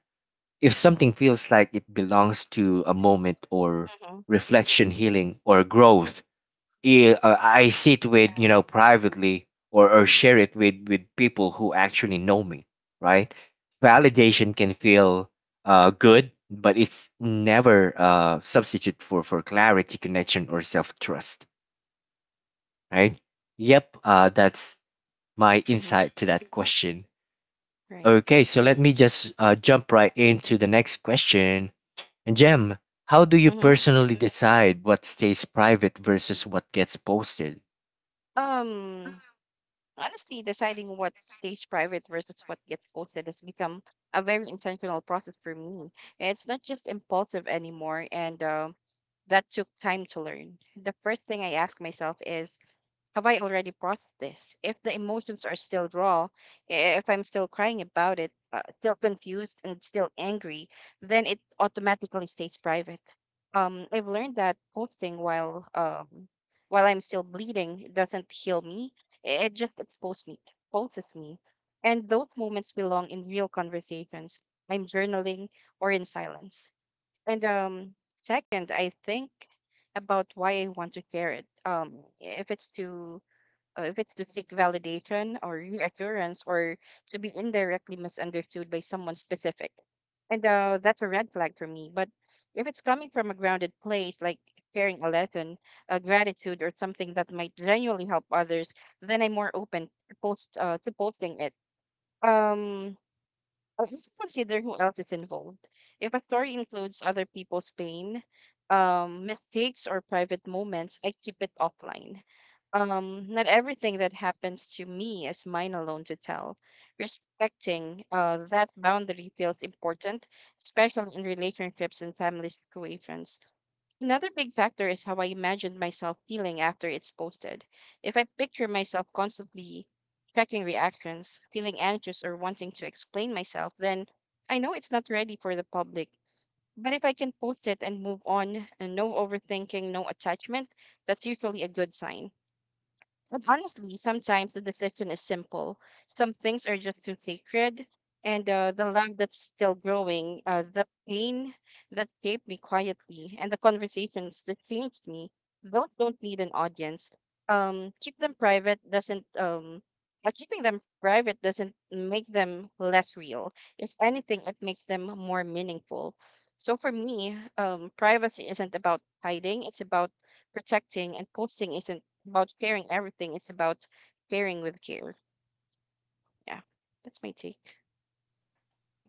Speaker 1: If something feels like it belongs to a moment or
Speaker 2: Mm-hmm.
Speaker 1: reflection, healing, or growth, I sit with,
Speaker 2: Yeah.
Speaker 1: privately, or share it with people who actually know me, right? Validation can feel good, but it's never substitute for clarity, connection, or self trust, right? Yep, that's my
Speaker 2: Mm-hmm.
Speaker 1: insight to that question.
Speaker 2: Right.
Speaker 1: Okay, so let me just jump right into the next question. And Jem, how do you
Speaker 2: Mm-hmm.
Speaker 1: personally decide what stays private versus what gets posted?
Speaker 2: Um, honestly, deciding what stays private versus what gets posted has become a very intentional process for me. It's not just impulsive anymore, and that took time to learn. The first thing I ask myself is, have I already processed this? If the emotions are still raw, if I'm still crying about it, still confused and still angry, then it automatically stays private. I've learned that posting while I'm still bleeding doesn't heal me. It just exposes me, and those moments belong in real conversations. I'm journaling or in silence. And second, I think about why I want to share it. If it's to seek validation or reassurance or to be indirectly misunderstood by someone specific. And that's a red flag for me. But if it's coming from a grounded place, like sharing a lesson, a gratitude, or something that might genuinely help others, then I'm more open to post to posting it. Um, I also consider who else is involved. If a story includes other people's pain, mistakes, or private moments, I keep it offline. Not everything that happens to me is mine alone to tell. Respecting that boundary feels important, especially in relationships and family situations. Another big factor is how I imagine myself feeling after it's posted. If I picture myself constantly checking reactions, feeling anxious, or wanting to explain myself, then I know it's not ready for the public. But if I can post it and move on, and no overthinking, no attachment, that's usually a good sign. And honestly, sometimes the decision is simple. Some things are just too sacred, and the love that's still growing, the pain that shaped me quietly, and the conversations that changed me. Those don't need an audience. Um, keep them private doesn't um, Keeping them private doesn't make them less real. If anything, it makes them more meaningful. So for me, privacy isn't about hiding. It's about protecting. And posting isn't about sharing everything, it's about sharing with care. Yeah, that's my take.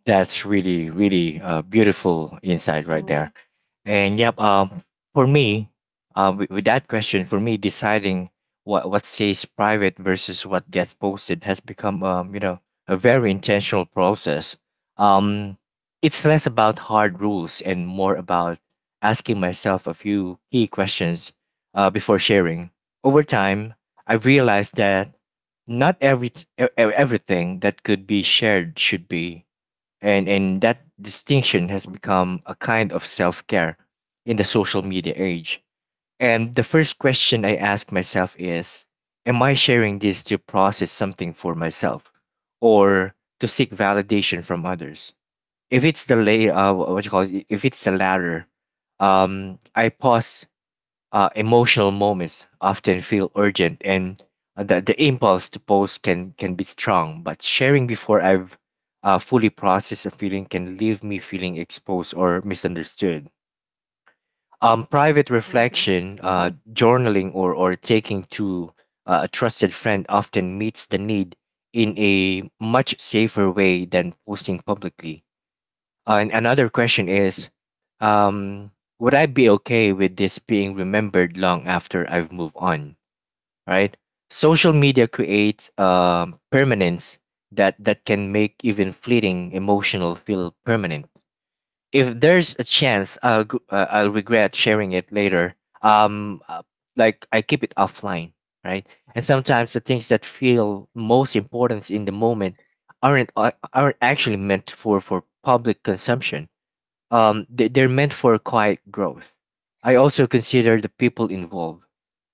Speaker 1: That's really, really beautiful insight right
Speaker 2: Mm-hmm.
Speaker 1: there. And yep, for me, with that question, for me, deciding what stays private versus what gets posted has become, a very intentional process. Um, it's less about hard rules and more about asking myself a few key questions before sharing. Over time, I've realized that not every everything that could be shared should be, and that distinction has
Speaker 2: Mm-hmm.
Speaker 1: become a kind of self-care in the social media age. And the first question I ask myself is, am I sharing this to process something for myself or to seek validation from others? If it's the lay what you call it, if it's the latter, I pause. Emotional moments often feel urgent, and the impulse to post can be strong, but sharing before I've fully processed a feeling can leave me feeling exposed or misunderstood. Private
Speaker 2: Mm-hmm.
Speaker 1: reflection, journaling, or taking to a trusted friend often meets the need in a much safer way than posting publicly. And another question is, um, would I be okay with this being remembered long after I've moved on? Right? Social media creates permanence that can make even fleeting emotional feel permanent. If there's a chance I'll regret sharing it later. Um, uh, like, I keep it offline, right? And sometimes the things that feel most important in the moment aren't actually meant for public consumption. They're meant for quiet growth. I also consider the people involved.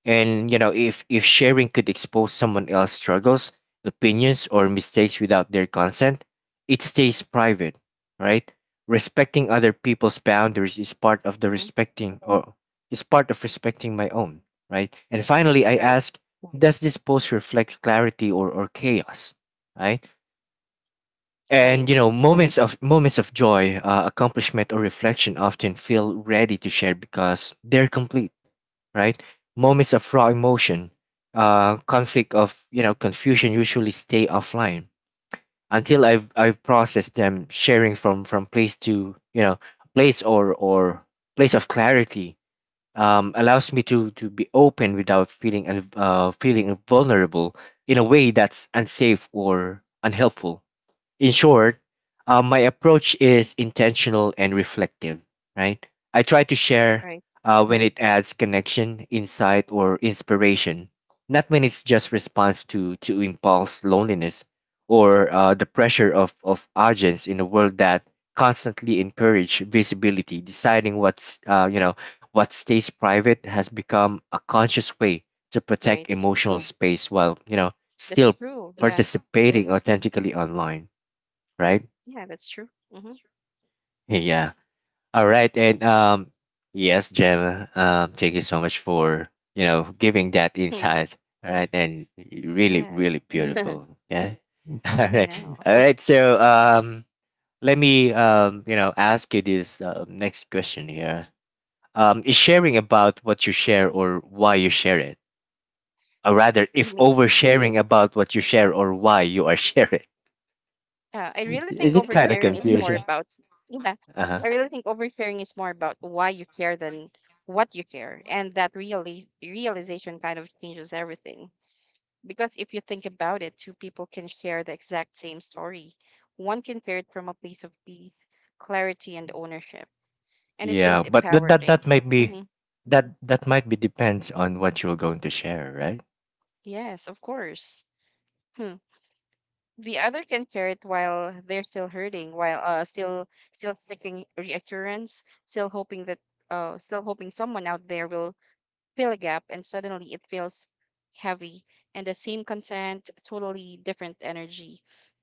Speaker 1: And you know, if sharing could expose someone else's struggles, opinions, or mistakes without their consent, it stays private, right? Respecting other people's boundaries is part of the
Speaker 2: Mm-hmm.
Speaker 1: respecting or is part of respecting my own, right? And finally, I
Speaker 2: Right,
Speaker 1: ask, does this post reflect clarity or chaos, right? And you
Speaker 2: right,
Speaker 1: know, moments of joy, accomplishment, or reflection often feel ready to share because they're complete, right? Moments of raw emotion, conflict, of you know, confusion usually stay offline until I've processed them. Sharing from place to you know place or place of clarity allows me to be open without feeling vulnerable in a way that's unsafe or unhelpful. In short, my approach is intentional and reflective, right? I try to share
Speaker 2: right,
Speaker 1: when it adds connection, insight, or inspiration, not when it's just response to, impulse, loneliness, or the pressure of, urgence in a world that constantly encourage visibility. Deciding what stays private has become a conscious way to protect
Speaker 2: right.
Speaker 1: emotional space while, you know, still
Speaker 2: That's true, yeah.
Speaker 1: participating authentically online, right?
Speaker 2: Yeah, that's true.
Speaker 1: Yeah. All right. And yes, Gemma, thank you so much for, you know, giving that
Speaker 2: Mm-hmm.
Speaker 1: insight. All right. And really,
Speaker 2: Yes.
Speaker 1: really beautiful.
Speaker 2: [laughs]
Speaker 1: Yeah. [laughs] All
Speaker 2: I
Speaker 1: right.
Speaker 2: know.
Speaker 1: All
Speaker 2: [laughs]
Speaker 1: right. So let me, you know, ask you this next question here. Is sharing about what you share or why you share it? Or rather,
Speaker 2: You
Speaker 1: if
Speaker 2: mean,
Speaker 1: oversharing about what you share or why you are sharing,
Speaker 2: yeah i
Speaker 1: [laughs]
Speaker 2: really
Speaker 1: is
Speaker 2: think
Speaker 1: it kind of
Speaker 2: oversharing is more
Speaker 1: confusion?
Speaker 2: about yeah,
Speaker 1: Uh-huh.
Speaker 2: I really think oversharing is more about why you care than what you care, and that realization kind of changes everything. Because if you think about it, two people can share the exact same story. One can hear it from a place of peace, clarity, and ownership, and it
Speaker 1: Yeah,
Speaker 2: feels
Speaker 1: but that that
Speaker 2: empowering.
Speaker 1: that might be
Speaker 2: Hmm.
Speaker 1: that might be depends on what you're going to share, right?
Speaker 2: Yes, of course. Hmm. The other can share it while they're still hurting, while still seeking reassurance, still hoping that still hoping someone out there will fill a gap, and suddenly it feels heavy. And the same content, totally different energy.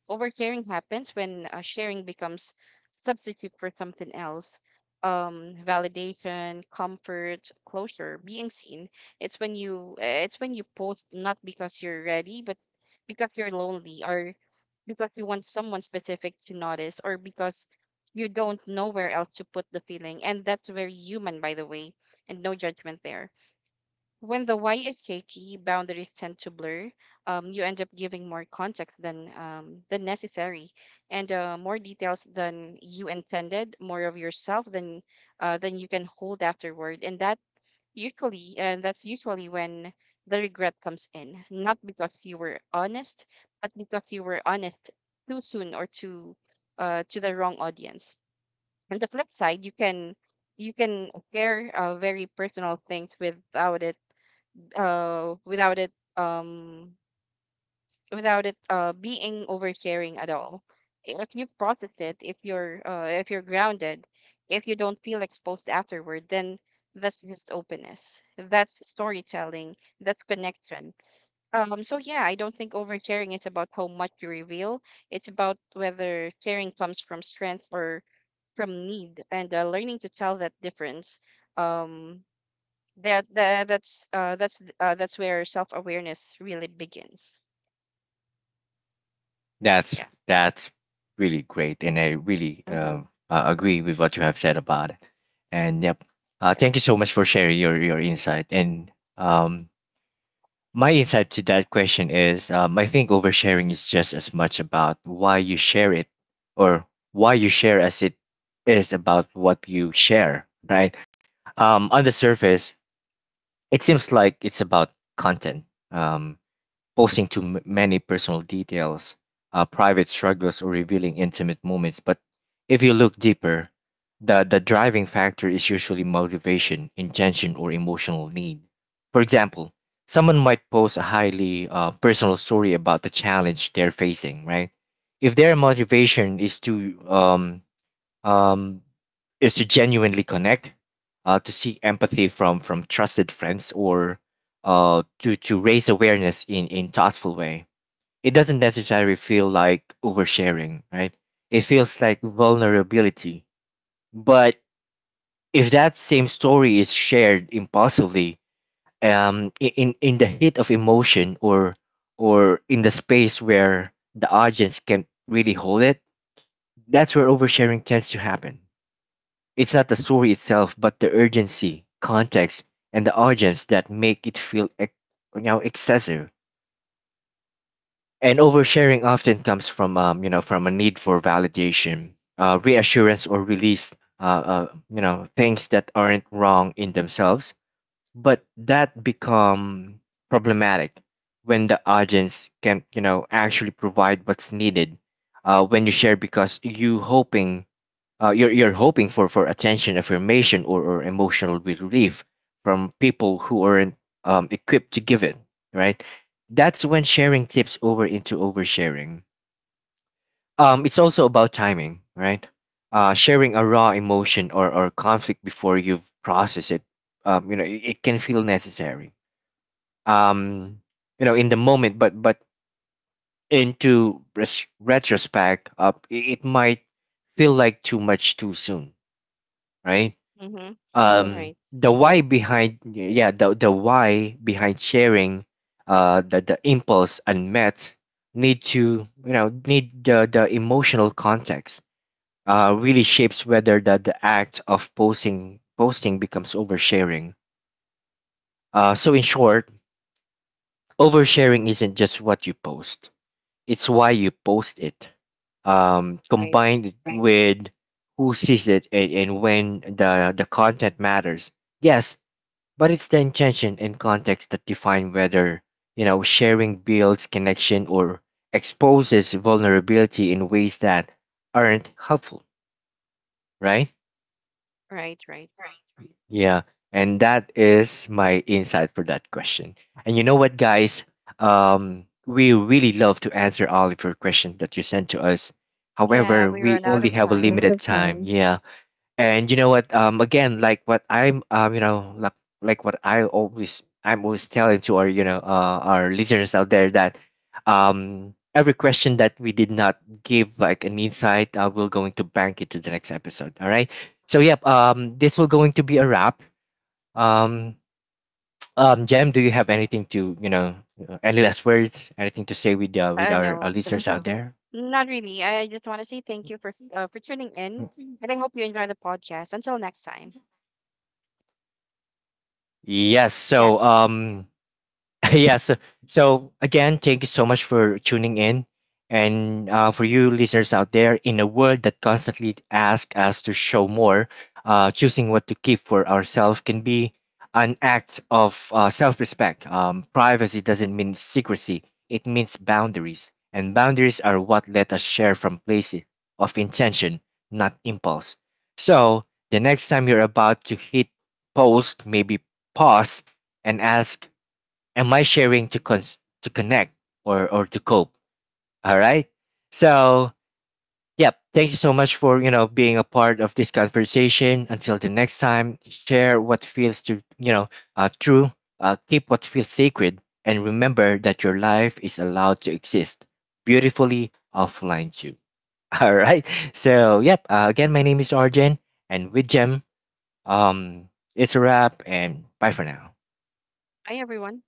Speaker 2: Oversharing happens when sharing becomes substitute for something else. Validation, comfort, closure, being seen. It's when you post not because you're ready, but because you're lonely, or because you want someone specific to notice, or because you don't know where else to put the feeling. And that's very human, by the way, and no judgment there. When the why is shaky, boundaries tend to blur. You end up giving more context than necessary, and more details than you intended, more of yourself than you can hold afterward. And that's usually when the regret comes in, not because you were honest, but because you were honest too soon, or too to the wrong audience. On the flip side, you can share very personal things without it without it um without it being oversharing at all. If you process it, if you're grounded, if you don't feel exposed afterward, then that's just openness, that's storytelling, that's connection. So yeah, I don't think oversharing is about how much you reveal. It's about whether sharing comes from strength or from need. And learning to tell that difference, um that's where self awareness really begins.
Speaker 1: That's
Speaker 2: Yeah.
Speaker 1: that's really great, and I really
Speaker 2: Mm-hmm.
Speaker 1: agree with what you have said about it. And yep,
Speaker 2: Yep.
Speaker 1: thank you so much for sharing your insight. And um, my insight to that question is, I think oversharing is just as much about why you share it, or why you share as it is about what you share, right? On the surface, it seems like it's about content, um, posting many personal details, private struggles, or revealing intimate moments. But if you look deeper, the driving factor is usually motivation, intention, or emotional need. For example, someone might post a highly personal story about the challenge they're facing, right? If their motivation is to um, um, genuinely connect, to seek empathy from trusted friends, or to raise awareness in thoughtful way, it doesn't necessarily feel like oversharing, right? It feels like vulnerability. But if that same story is shared impulsively, in the heat of emotion or in the space where the audience can really hold it, that's where oversharing tends to happen. It's not the story itself, but the urgency, context, and the audience that make it feel you know, excessive. And oversharing often comes from you know, from a need for validation, reassurance, or release. Uh, uh, you know, things that aren't wrong in themselves, but that become problematic when the audience can, you know, actually provide what's needed, when you share because you hoping, you're hoping for attention, affirmation, or, emotional relief from people who aren't equipped to give it, right? That's when sharing tips over into oversharing. It's also about timing, right? Sharing a raw emotion or, conflict before you've processed it, you know, it can feel necessary. Um, you know, in the moment, but into retrospect, it, it might feel like too much too soon, right?
Speaker 2: Mm-hmm. Right,
Speaker 1: The why behind, yeah, the why behind sharing, the impulse, unmet need to, you know, need the emotional context really shapes whether the act of posting becomes oversharing. So in short, oversharing isn't just what you post, it's why you post it,
Speaker 2: right,
Speaker 1: combined with who sees it and, when. The content matters, yes, but it's the intention and context that define whether, you know, sharing builds connection or exposes vulnerability in ways that aren't helpful, right?
Speaker 2: right, right.
Speaker 1: Yeah, and that is my insight for that question. And you know what, guys? We really love to answer all of your questions that you sent to us.
Speaker 2: Yeah,
Speaker 1: However,
Speaker 2: we
Speaker 1: we
Speaker 2: run out
Speaker 1: only
Speaker 2: of
Speaker 1: have a
Speaker 2: time.
Speaker 1: limited time. Yeah. And you know what? Again, like what I always, I'm always telling to our, you know, our listeners out there that, every question that we did not give like an insight, we're going to bank it to the next episode. All right. So yep. This will going to be a wrap. Um, Jem, do you have anything to, you know, any last words, anything to say with our
Speaker 2: No,
Speaker 1: listeners out there?
Speaker 2: not really, I just want to say thank you for for tuning in,
Speaker 1: Mm.
Speaker 2: and I hope you enjoy the podcast until next time.
Speaker 1: Yes.
Speaker 2: Yeah.
Speaker 1: So. [laughs] Yeah, so, so again, thank you so much for tuning in. And for you listeners out there, in a world that constantly asks us to show more, choosing what to keep for ourselves can be an act of self respect. Privacy doesn't mean secrecy, it means boundaries. And boundaries are what let us share from places of intention, not impulse. So the next time you're about to hit post, maybe pause and ask, am I sharing to to connect or to cope? All right. So yep, thank you so much for, you know, being a part of this conversation. Until the next time, share what feels to you know true. Keep what feels sacred, and remember that your life is allowed to exist beautifully offline too. [laughs] All right. So yep. Again, my name is Arjen, and with Jem, um, it's a wrap, and bye for now.
Speaker 2: Bye, everyone.